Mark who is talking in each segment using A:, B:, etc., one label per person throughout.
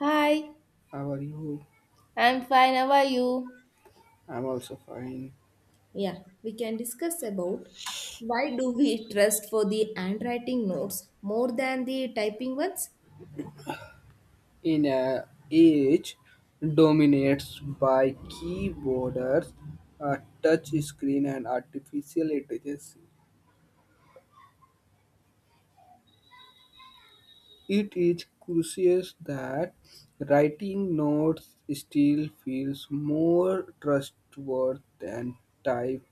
A: Hi,
B: How are you?
A: I'm fine. How are you?
B: I'm also fine.
A: Yeah, we can discuss about why do we trust for the handwriting notes more than the typing ones?
B: In a age dominates by keyboards, a touch screen, and artificial intelligence, it is crucial that writing notes still feels more trustworthy than type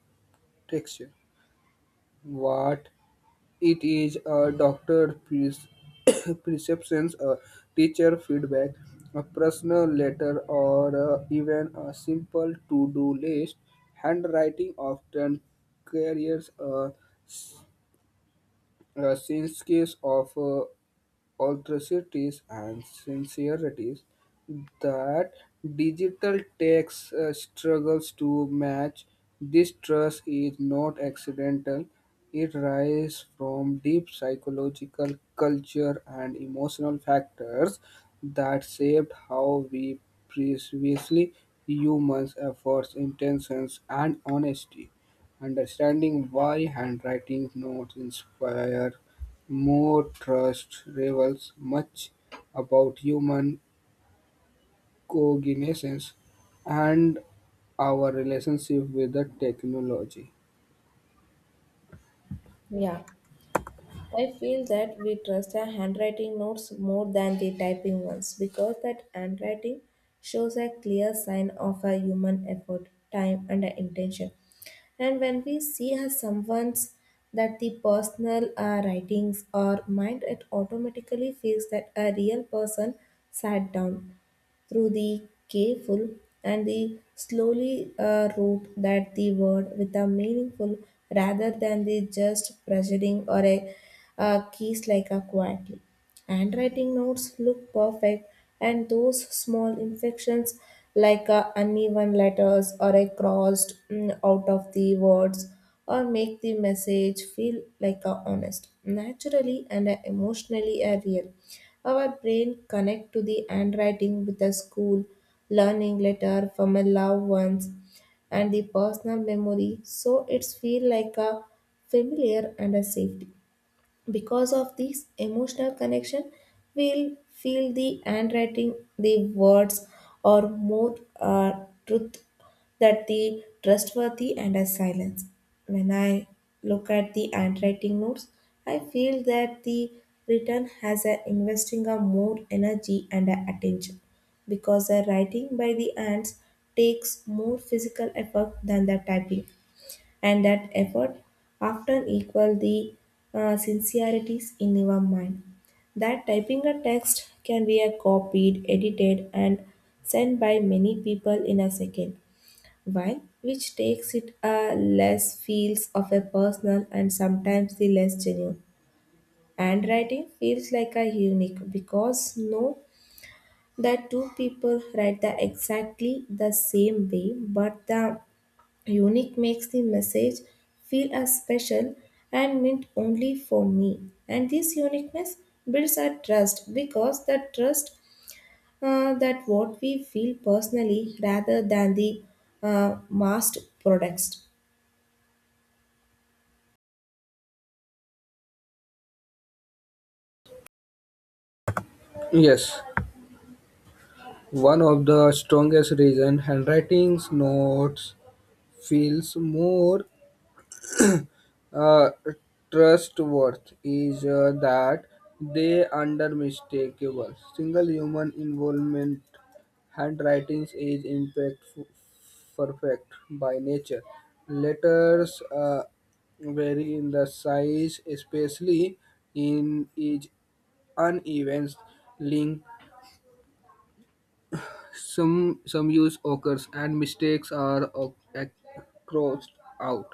B: text. What It is a doctor pres perceptions, a teacher feedback, a personal letter, or even a simple to-do list. Handwriting often carries a sense of authority and sincerities that digital tax struggles to match. This trust is not accidental. It rises from deep psychological, culture, and emotional factors that shaped how we previously humans' efforts, intentions, and honesty. Understanding why handwriting notes inspire more trust reveals much about human cognitions and our relationship with the technology.
A: Yeah. I feel that we trust our handwriting notes more than the typing ones because that handwriting shows a clear sign of a human effort, time, and a intention. And when we see as someone's that the personal writings or mind, it automatically feels that a real person sat down through the careful and the slowly root that the word with a meaningful rather than the just pressuring or a keys like a quietly. Handwriting notes look perfect, and those small imperfections like uneven letters or a crossed out of the words or make the message feel like a honest, naturally and a emotionally a real. Our brain connect to the handwriting with a school, learning letter from a loved ones, and the personal memory, so it's feel like a familiar and a safety. Because of this emotional connection, we'll feel the handwriting, the words are more truth that the trustworthy and a silence. When I look at the handwriting notes, I feel that the written has a investing a more energy and a attention because the writing by the hands takes more physical effort than the typing and that effort often equal the sincerities in your mind. That typing a text can be a copied, edited, and sent by many people in a second, while which takes it a less feels of a personal and sometimes the less genuine. Handwriting feels like a unique because no that two people write the exactly the same way, but the unique makes the message feel as special and meant only for me. And this uniqueness builds our trust because that trust that what we feel personally rather than the massed products.
B: Yes, one of the strongest reasons handwriting notes feels more uh, trustworth is that they under mistakable single human involvement handwritings is impactful perfect by nature letters vary in the size especially in each uneven link some use occurs and mistakes are crossed out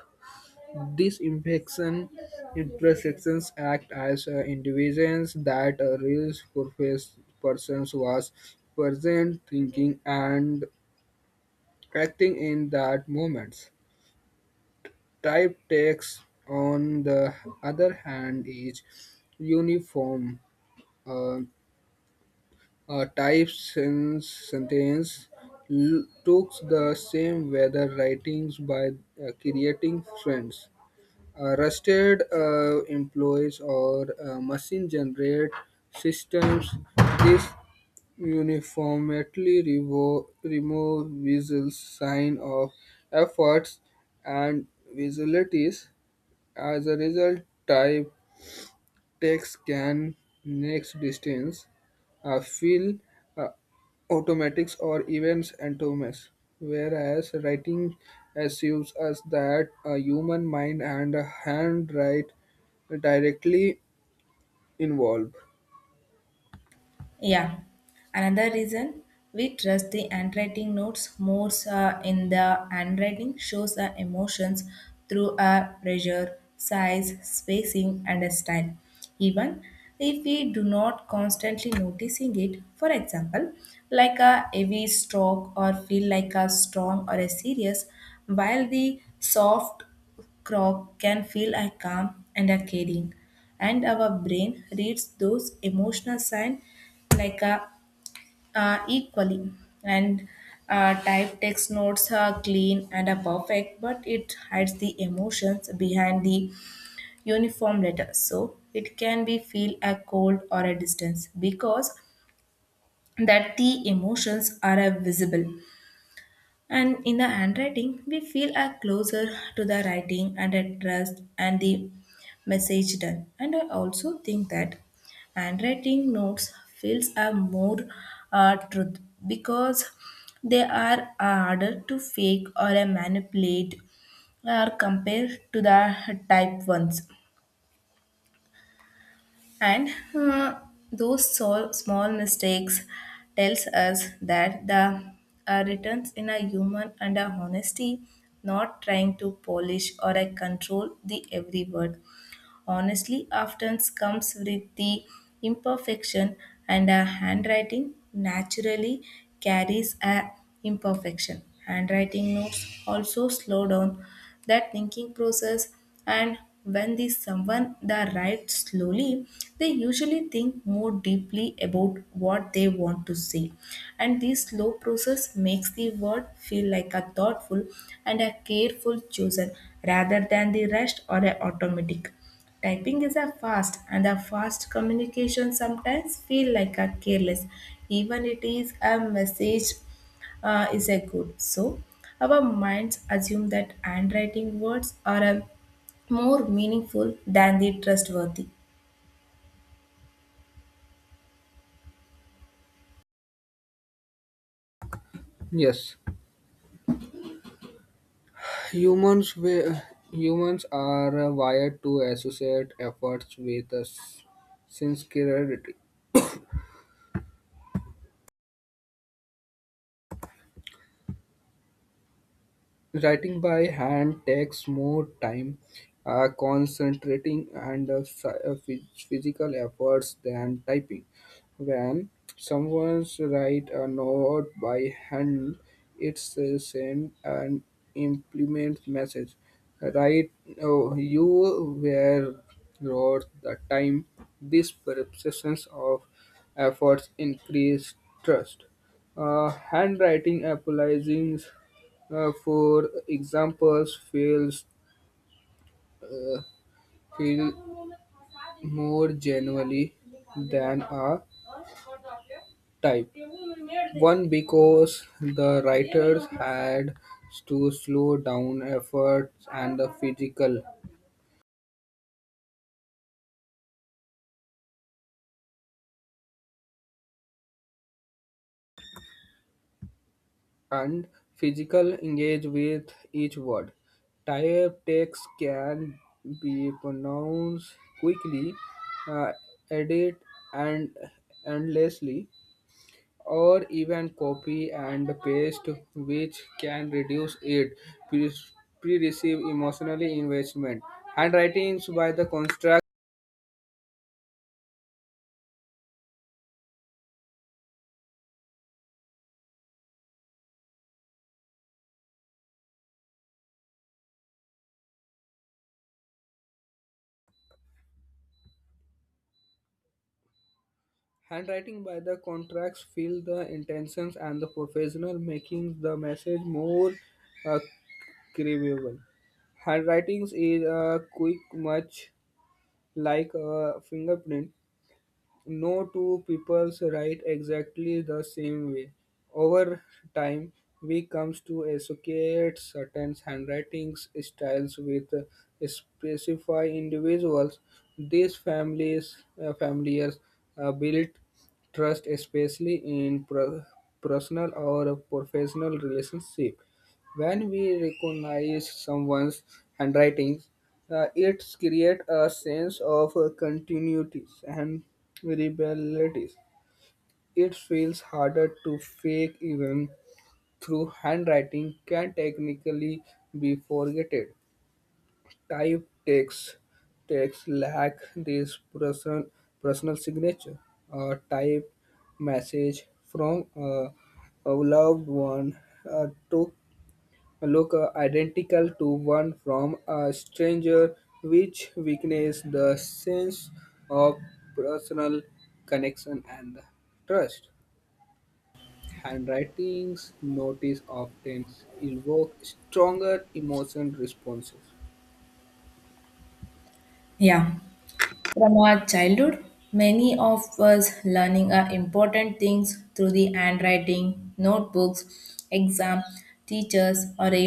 B: these imperfection intersections act as indications that a real purpose person was present, thinking and acting in that moment. Type text, on the other hand, is uniform. Uh, a type sentence looks the same whether writings by creating friends rusted employees or machine generate systems. This uniformly remove visual sign of efforts and visibilities. As a result, type text can next distance feel uh, automatics or events atoms, whereas writing assumes us that a human mind and a handwrite directly involved.
A: Yeah. Another reason we trust the handwriting notes more in the handwriting shows the emotions through a pressure, size, spacing, and a style. Even if we do not constantly noticing it, for example, like a heavy stroke or feel like a strong or a serious, while the soft croc can feel a calm and a caring and our brain reads those emotional signs like a equally and type text notes are clean and are perfect but it hides the emotions behind the uniform letters so it can be feel a cold or a distance because that the emotions are visible and in the handwriting, we feel are closer to the writing and the trust and the message done. And I also think that handwriting notes feels are more truth because they are harder to fake or manipulate or compare to the type ones and uh, those small mistakes tells us that the returns in a human and a honesty not trying to polish or control the every word honestly often comes with the imperfection and a handwriting naturally carries a imperfection handwriting notes also slow down that thinking process and when the someone the write slowly they usually think more deeply about what they want to say and this slow process makes the word feel like a thoughtful and a careful chosen rather than the rushed or a automatic. Typing is a fast and a fast communication sometimes feel like a careless even it is a message is a good so our minds assume that handwriting words are a more meaningful than the trustworthy.
B: Yes, humans wi- humans are wired to associate efforts with sincerity. Writing by hand takes more time, concentrating, and physical efforts than typing. When someone's write a note by hand, it's send and implement message. Right, oh, you were wrote the time. This perceptions of efforts increase trust. Handwriting applies for examples, feels uh, feel more genuinely than a type. One because the writers had to slow down efforts and the physical and physical engage with each word. Type text can be pronounced quickly, uh, edit and endlessly or even copy and paste, which can reduce it. Pre- Pre-receive emotionally investment. Handwritings by the construct. Handwriting by the contracts feel the intentions and the professional, making the message more uh, craveable. Handwritings is a quick, much like a fingerprint No two peoples write exactly the same way. Over time, we comes to associate certain handwriting styles with specified individuals. These families, familiars built trust, especially in personal or professional relationship. When we recognize someone's handwriting, it creates a sense of continuity and reliability. It feels harder to fake even through handwriting can technically be forgotten. Type text lack this personal signature. A type message from a loved one took look identical to one from a stranger, which weakens the sense of personal connection and trust. Handwritings notice often evoke stronger emotion responses.
A: Yeah. From our childhood, many of us learning our important things through the handwriting, notebooks, exam, teachers, or a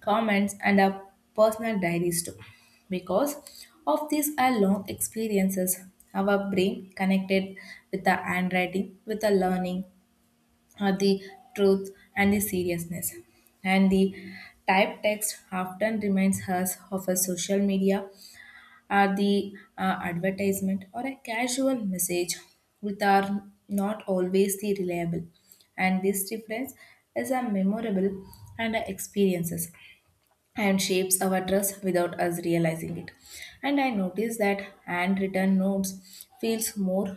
A: comments and our personal diaries too. Because of these our long experiences, our brain connected with the handwriting, with the learning, or the truth and the seriousness. And the type text often reminds us of a social media are the advertisement or a casual message which are not always the reliable and this difference is a memorable and a experiences and shapes our trust without us realizing it and I notice that handwritten notes feels more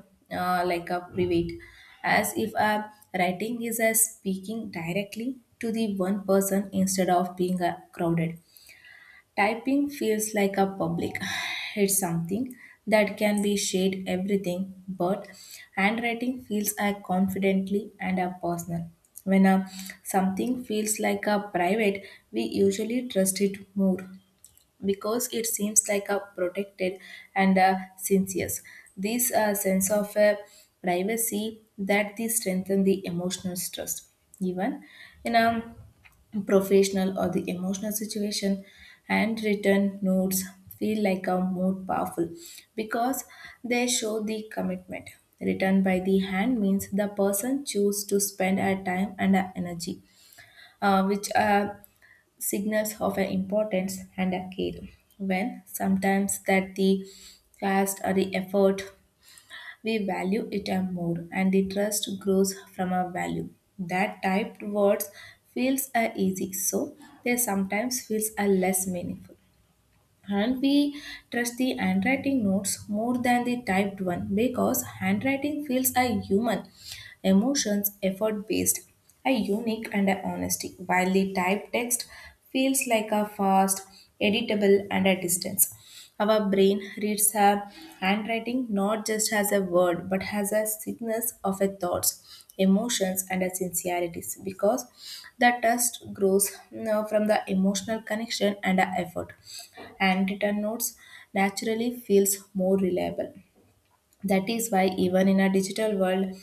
A: like a private as if a writing is a speaking directly to the one person instead of being crowded. Typing feels like a public. It's something that can be shared everything, but handwriting feels a confidently and a personal. When something feels like a private, we usually trust it more because it seems like a protected and a sincere. This sense of privacy that they strengthen the emotional trust, even in a professional or the emotional situation. Handwritten notes feel like a more powerful because they show the commitment. Written by the hand means the person choose to spend a time and a energy, which signals of an importance and a care when sometimes that the fast or the effort we value it a more and the trust grows from our value that typed words feels a easy so they sometimes feels a less meaningful and we trust the handwriting notes more than the typed one because handwriting feels a human emotions, effort based, a unique and a honesty, while the type text feels like a fast, editable, and a distance. Our brain reads a handwriting not just as a word but as a sickness of a thoughts, emotions, and a sincerities because the trust grows from the emotional connection and a effort. And written notes naturally feels more reliable that is why, even in a digital world,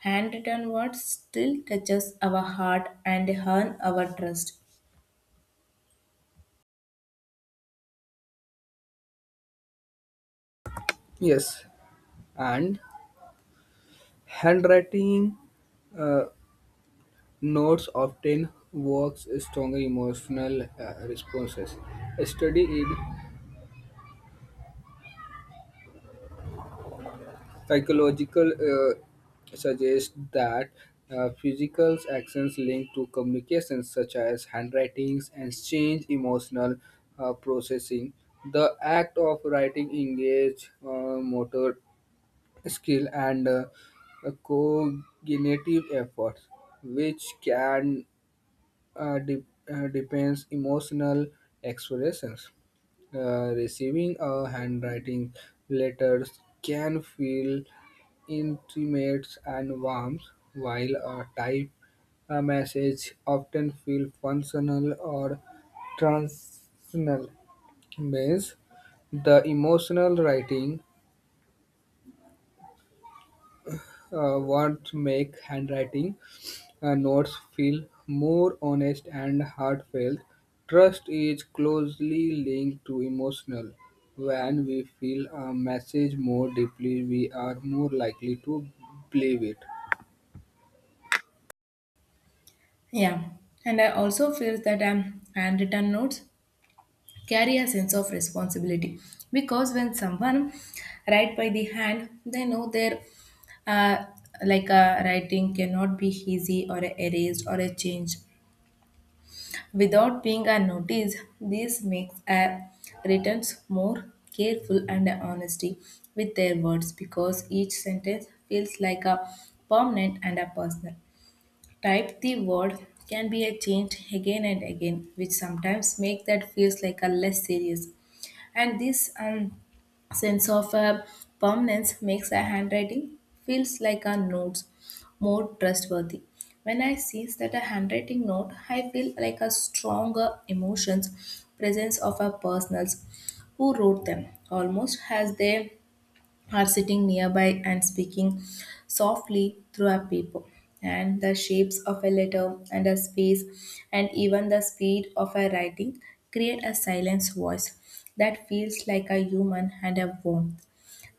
A: handwritten words still touches our heart and earn our trust.
B: Yes, and handwriting uh, notes often works stronger emotional responses. Study it Psychological suggests that physical actions linked to communications such as handwritings and change emotional processing. The act of writing engage motor skill and cognitive efforts, which can uh, de- depends emotional expressions. Receiving a handwriting letters can feel intimate and warm, while a type a message often feel functional or transactional. Means the emotional writing what make handwriting notes feel more honest and heartfelt. Trust is closely linked to emotional. When we feel a message more deeply, we are more likely to believe it.
A: Yeah, and I also feel that handwritten notes carry a sense of responsibility because when someone write by the hand, they know their uh, like writing cannot be easy or erased or changed. Without being unnoticed, this makes a returns more careful and honesty with their words because each sentence feels like a permanent and a personal. Type the word can be a changed again and again, which sometimes make that feels like a less serious. And this sense of permanence makes a handwriting feels like a notes more trustworthy. When I see that a handwriting note, I feel like a stronger emotions presence of a personals who wrote them, almost as they are sitting nearby and speaking softly through a paper. And the shapes of a letter and a space and even the speed of a writing create a silence voice that feels like a human and a warmth.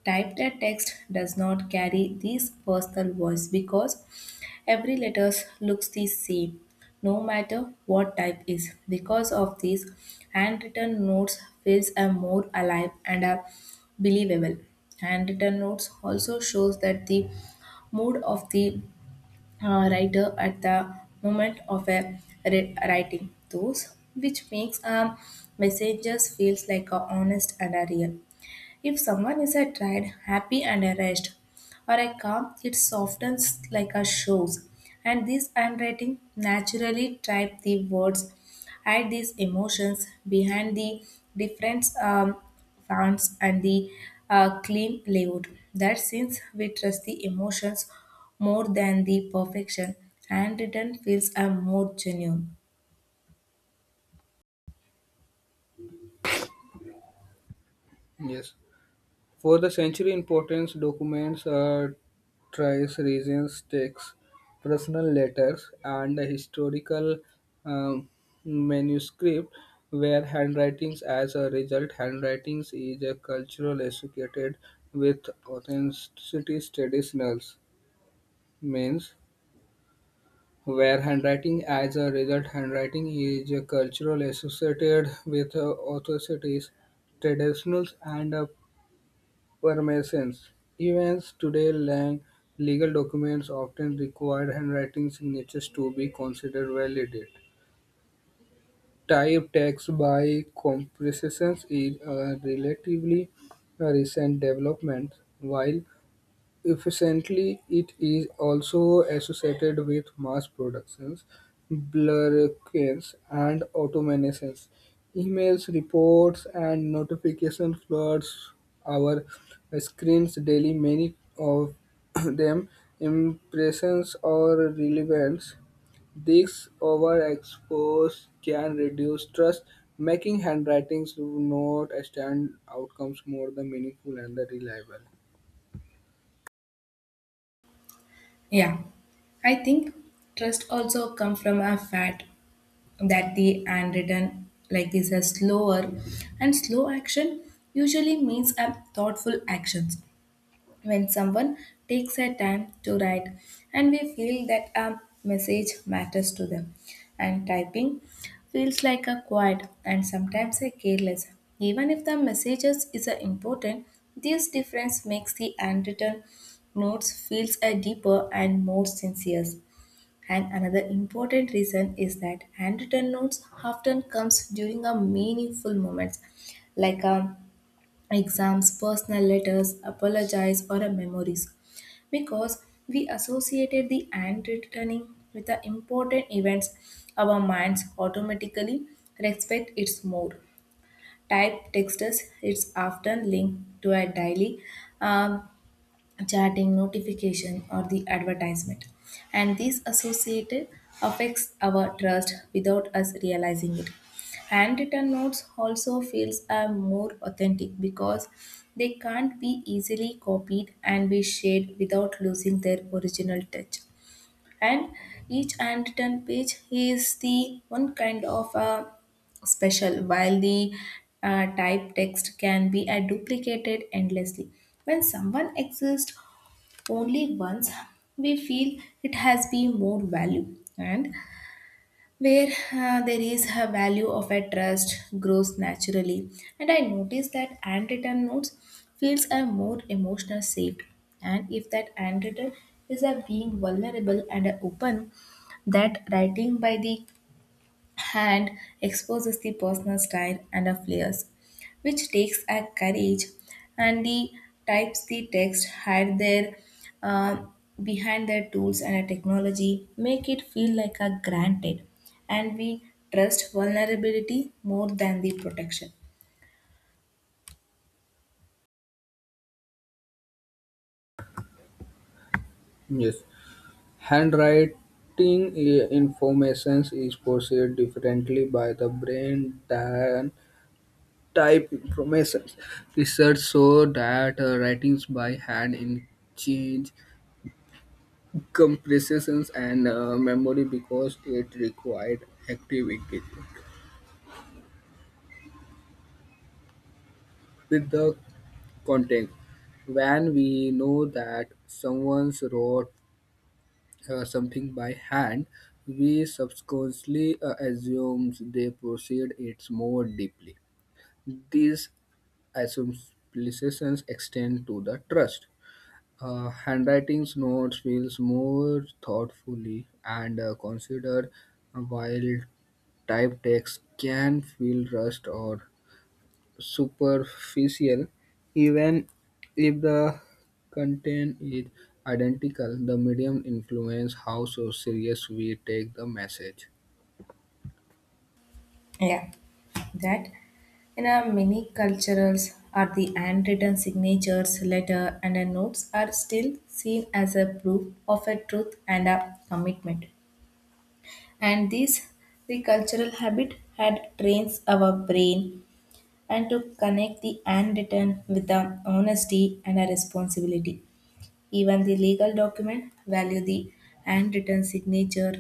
A: Typed text does not carry this personal voice because every letter looks the same, no matter what type is. Because of this, handwritten notes feels a more alive and are believable. Handwritten notes also shows that the mood of the writer at the moment of a writing, those which makes a messages feels like a honest and a real. If someone is a tried, happy and a rest, or a calm, it softens like a shows. And this handwriting naturally type the words, add these emotions behind the different fonts and the clean layout. That since we trust the emotions more than the perfection, handwritten feels are more genuine.
B: Yes. For the century importance documents are trace regions, texts, personal letters, and the historical um, manuscript were handwritings. As a result, handwritings is a cultural associated with authenticity traditionals means where handwriting as a result handwriting is a cultural associated with authorities traditionals and were Masons. Even today, lang legal documents often require handwriting signatures to be considered valid. Type tax by compression is a relatively recent development, while Efficiently, it is also associated with mass productions, blurriness, and automations. Emails, reports, and notification floods our screens daily. Many of them impressions or relevance. This overexposure can reduce trust, making handwritings not stand outcomes more the meaningful and the reliable.
A: Yeah, I think trust also come from a fact that the handwritten like is a slower and slow action usually means a thoughtful actions when someone takes a time to write and we feel that a message matters to them and typing feels like a quiet and sometimes a careless even if the messages is a important this difference makes the handwritten notes feels a deeper and more sincere and another important reason is that handwritten notes often comes during a meaningful moments like exams, personal letters, apologies or a memories because we associated the handwriting with the important events our minds automatically respect it more. Typed texts is often linked to a daily um, chatting, notification, or the advertisement. And these associated affects our trust without us realizing it. Handwritten notes also feels are more authentic because they can't be easily copied and be shared without losing their original touch. And each handwritten page is the one kind of a special while the type text can be duplicated endlessly when someone exists only once we feel it has been more value and where there is a value of a trust grows naturally and I notice that handwritten notes feels a more emotional safe and if that handwritten is a being vulnerable and open that writing by the and exposes the personal style and a flares, which takes a courage and the types the text hide their uh, behind their tools and a technology make it feel like a granted and we trust vulnerability more than the protection.
B: Yes. Handwriting information is processed differently by the brain than type information. Research shows that writings by hand increase comprehension and memory because it required active engagement with the content. When we know that someone wrote something by hand, we subconsciously assume they proceed it more deeply. These assumptions extend to the trust. Handwriting notes feels more thoughtfully and considered, while type text can feel rushed or superficial. Even if the content is identical, the medium influences how so serious we take the message.
A: Yeah, that in our many cultures are the handwritten signatures, letter and a notes are still seen as a proof of a truth and a commitment, and this the cultural habit had trains our brain and to connect the handwritten with the honesty and a responsibility. Even the legal document value the handwritten signature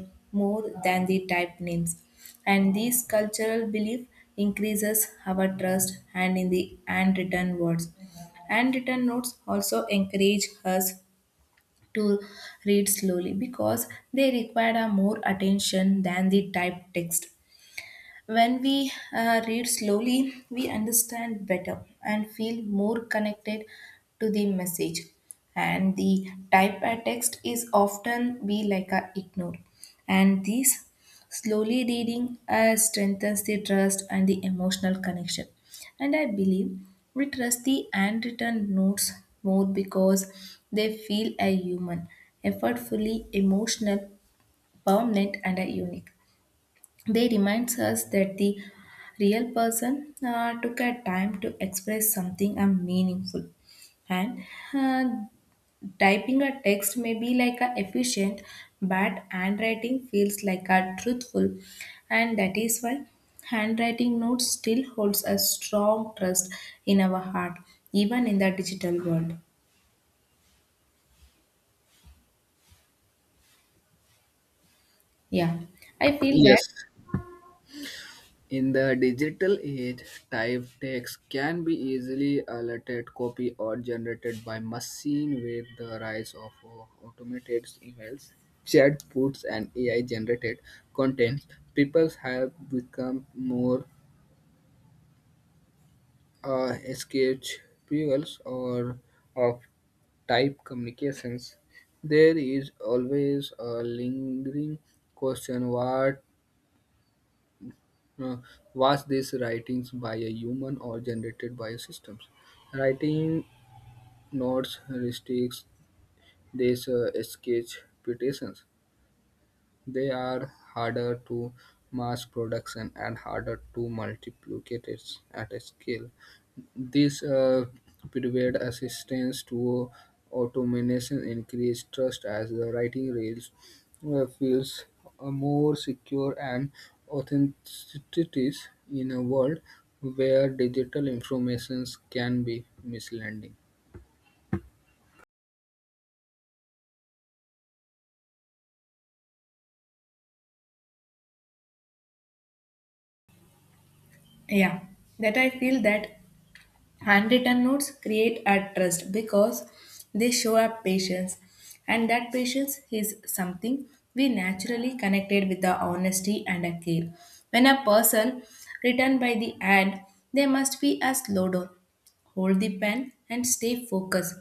A: more than the typed names, and this cultural belief increases our trust and in the handwritten words. Handwritten notes also encourage us to read slowly because they required a more attention than the typed text. When we read slowly, we understand better and feel more connected to the message. And the type a text is often be like a ignore. And this slowly reading strengthens the trust and the emotional connection. And I believe we trust the handwritten notes more because they feel a human, effortfully emotional, permanent, and a unique. They reminds us that the real person took a time to express something and meaningful. And uh, Typing a text may be like a efficient, but handwriting feels like a truthful, and that is why handwriting notes still holds a strong trust in our heart, even in the digital world. Yeah, I feel that
B: Yes, in the digital age, typed text can be easily altered, copied, or generated by machine with the rise of automated emails, chatbots, and AI-generated content. People have become more escapables or of type communications. There is always a lingering question: What Uh, was these writings by a human or generated by systems? Writing notes, heuristics, these sketch petitions, they are harder to mass production and harder to multiplicate it at a scale. This provide assistance to automation, increase trust as the writing rails feels more secure and authenticity in a world where digital informations can be misleading.
A: yeah that I feel that handwritten notes create a trust because they show up patience, and that patience is something we naturally connected with the honesty and a care. When a person written by the hand, they must be a slow down, hold the pen and stay focused,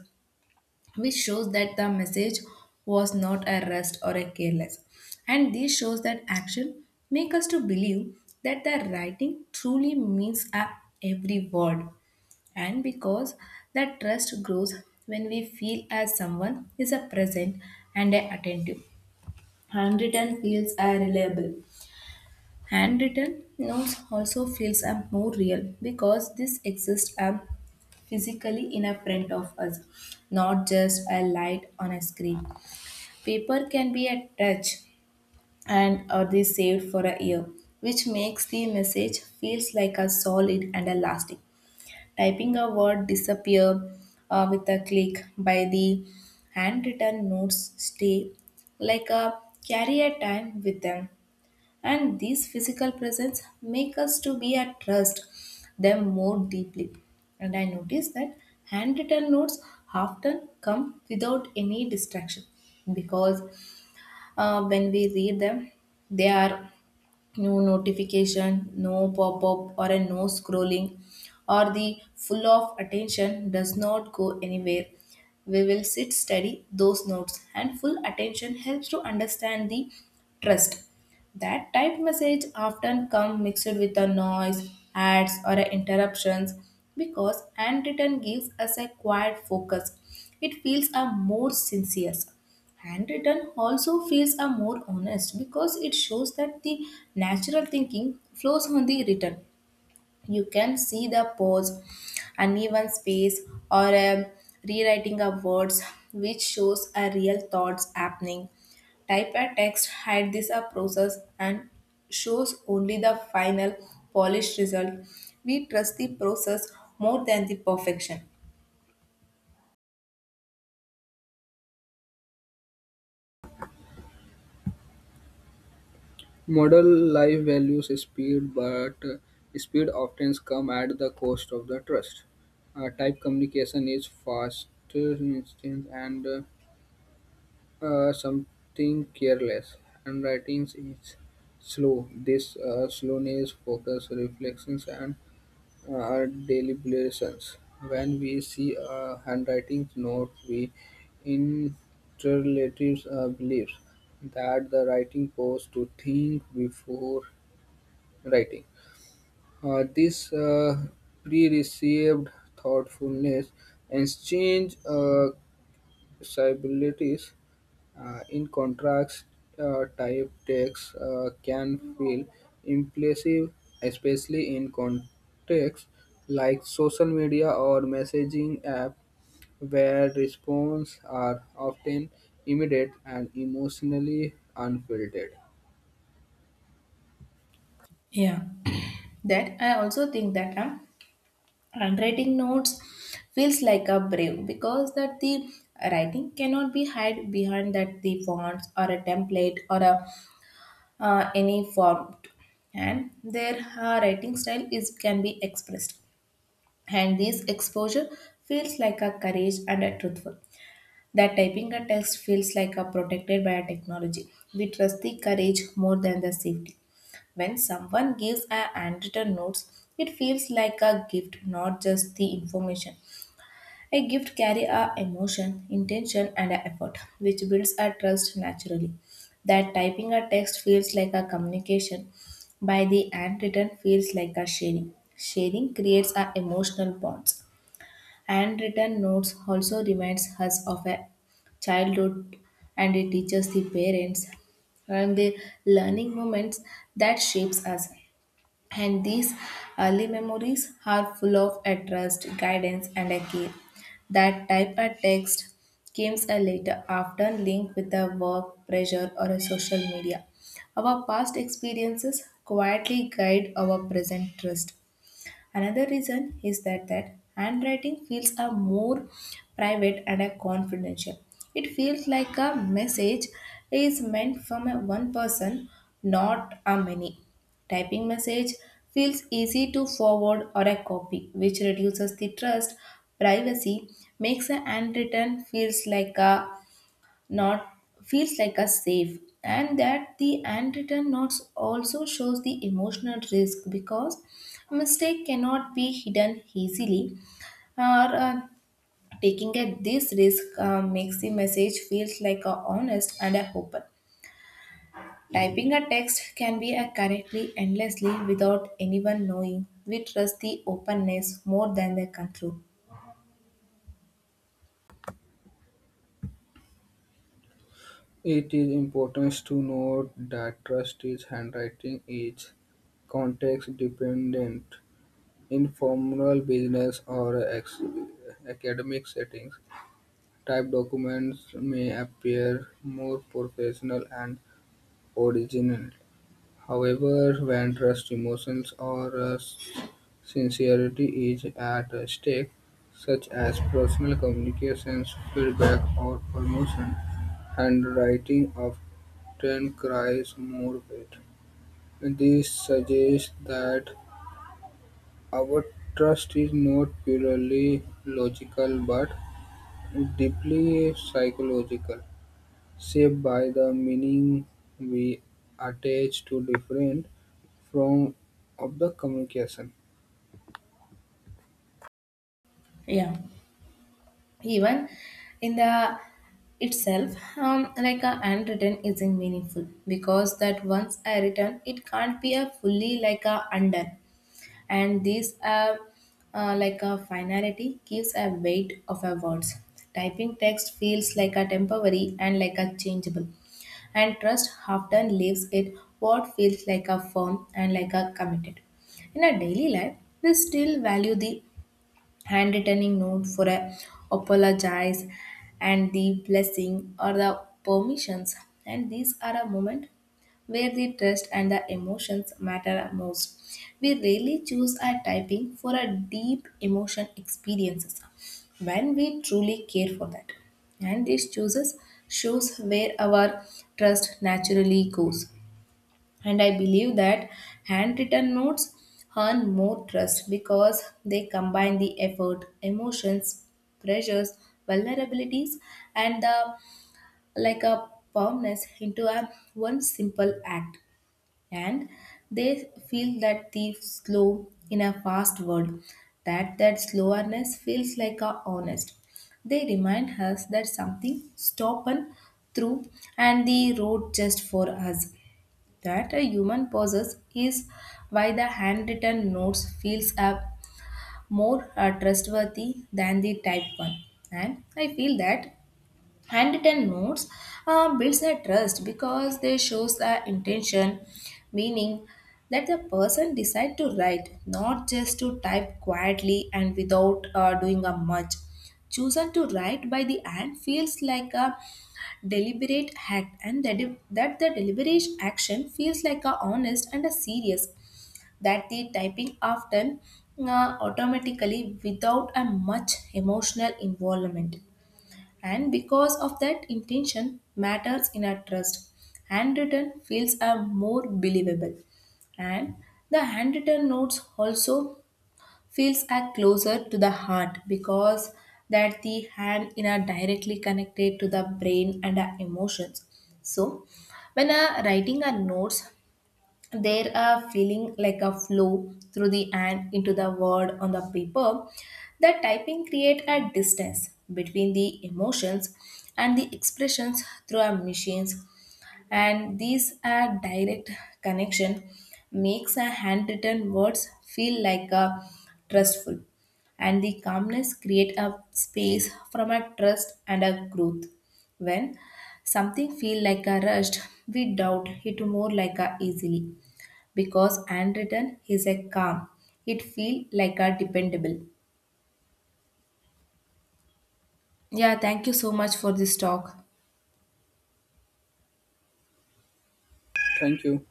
A: which shows that the message was not a rest or a careless, and this shows that action make us to believe that the writing truly means up every word. And because that trust grows when we feel as someone is a present and a attentive, handwritten feels are reliable. Handwritten notes also feels a more real because this exists a physically in a print of us, not just a light on a screen. Paper can be a touch and are they saved for a year, which makes the message feels like a solid and a lasting. Typing a word disappear with a click by the handwritten notes stay like a carry a time with them, and these physical presence make us to be at trust them more deeply. And I notice that handwritten notes often come without any distraction because when we read them, they are no notification, no pop-up or a no scrolling, or the full of attention does not go anywhere. We will sit study those notes, and full attention helps to understand the trust that typed message often come mixed with the noise, ads or interruptions, because handwritten gives us a quiet focus. It feels a more sincere. Handwritten also feels a more honest because it shows that the natural thinking flows on the written. You can see the pause, uneven space, or a rewriting of words, which shows a real thoughts happening. Type a text had this a process and shows only the final polished result. We trust the process more than the perfection.
B: Model life values speed, but speed often comes at the cost of the trust. Type communication is fast, instant, and something careless. Handwriting is slow. This slowness, focus, reflections, and our deliberations. When we see a handwriting note, we interrelatives beliefs that the writing pose to think before writing. This Pre-received thoughtfulness exchange civilities in contrast, type text can feel impressive, especially in contexts like social media or messaging app, where responses are often immediate and emotionally unfiltered.
A: Yeah. That I also think that handwriting notes feels like a brave because that the writing cannot be hide behind that the fonts or a template or a any form, and their writing style is can be expressed, and this exposure feels like a courage and a truthful, that typing a text feels like a protected by a technology. We trust the courage more than the safety. When someone gives a handwritten notes, it feels like a gift, not just the information. A gift carry a emotion, intention, and a effort, which builds a trust naturally. That typing a text feels like a communication, by the handwritten feels like a sharing. Sharing creates a emotional bonds. Handwritten notes also reminds us of a childhood, and it teaches the parents and the learning moments that shapes us, and these early memories are full of a trust, guidance, and a care. That type of text comes a later, often linked with a work pressure or a social media. Our past experiences quietly guide our present trust. Another reason is that that handwriting feels a more private and a confidential. It feels like a message is meant from a one person, not a many. Typing message feels easy to forward or a copy, which reduces the trust. Privacy makes a handwritten feels like a not, feels like a safe. And that the handwritten notes also shows the emotional risk because mistake cannot be hidden easily, or taking a, this risk makes the message feels like a honest and a open. Typing a text can be a correctly endlessly without anyone knowing. We trust the openness more than the control.
B: It is important to note that trust is handwriting is context dependent in formal business or academic settings. Typed documents may appear more professional and original. However, when trust, emotions, or sincerity is at stake, such as personal communications, feedback, or promotion, handwriting often cries more weight. This suggests that our trust is not purely logical but deeply psychological, shaped by the meaning we attach to different forms of the communication.
A: Yeah, even in the itself, like a handwritten isn't meaningful because that once I written, it can't be a fully like a undone. And this like a finality gives a weight of a words. Typing text feels like a temporary and like a changeable, and trust often leaves it what feels like a firm and like a committed. In a daily life, we still value the handwritten note for a apologize and the blessing or the permissions, and these are a moment where the trust and the emotions matter most. We rarely choose our typing for a deep emotion experiences when we truly care for that, and these choices shows where our trust naturally goes. And I believe that handwritten notes earn more trust because they combine the effort, emotions, pressures, vulnerabilities, and the like a firmness into a one simple act. And they feel that the slow in a fast world, that that slowness feels like a honest. They remind us that something stopped and through, and the road just for us, that a human possesses is why the handwritten notes feels up more trustworthy than the typed one. And I feel that handwritten notes builds a trust because they shows the intention, meaning that the person decide to write, not just to type quietly and without doing a much. Chosen to write by the hand feels like a deliberate act, and that, that the deliberate action feels like a honest and a serious, that the typing often automatically without a much emotional involvement. And because of that intention matters in a trust, handwritten feels are more believable. And the handwritten notes also feels are closer to the heart because that the hand in are directly connected to the brain and our emotions. So when a writing a notes, there are feeling like a flow through the hand into the word on the paper. The typing create a distance between the emotions and the expressions through our machines, and these are direct connection makes a handwritten words feel like a trustful. And the calmness create a space from a trust and a growth. When something feel like a rushed, we doubt it more like a easily, because handwritten is a calm. It feel like a dependable. Yeah, thank you so much for this talk.
B: Thank you.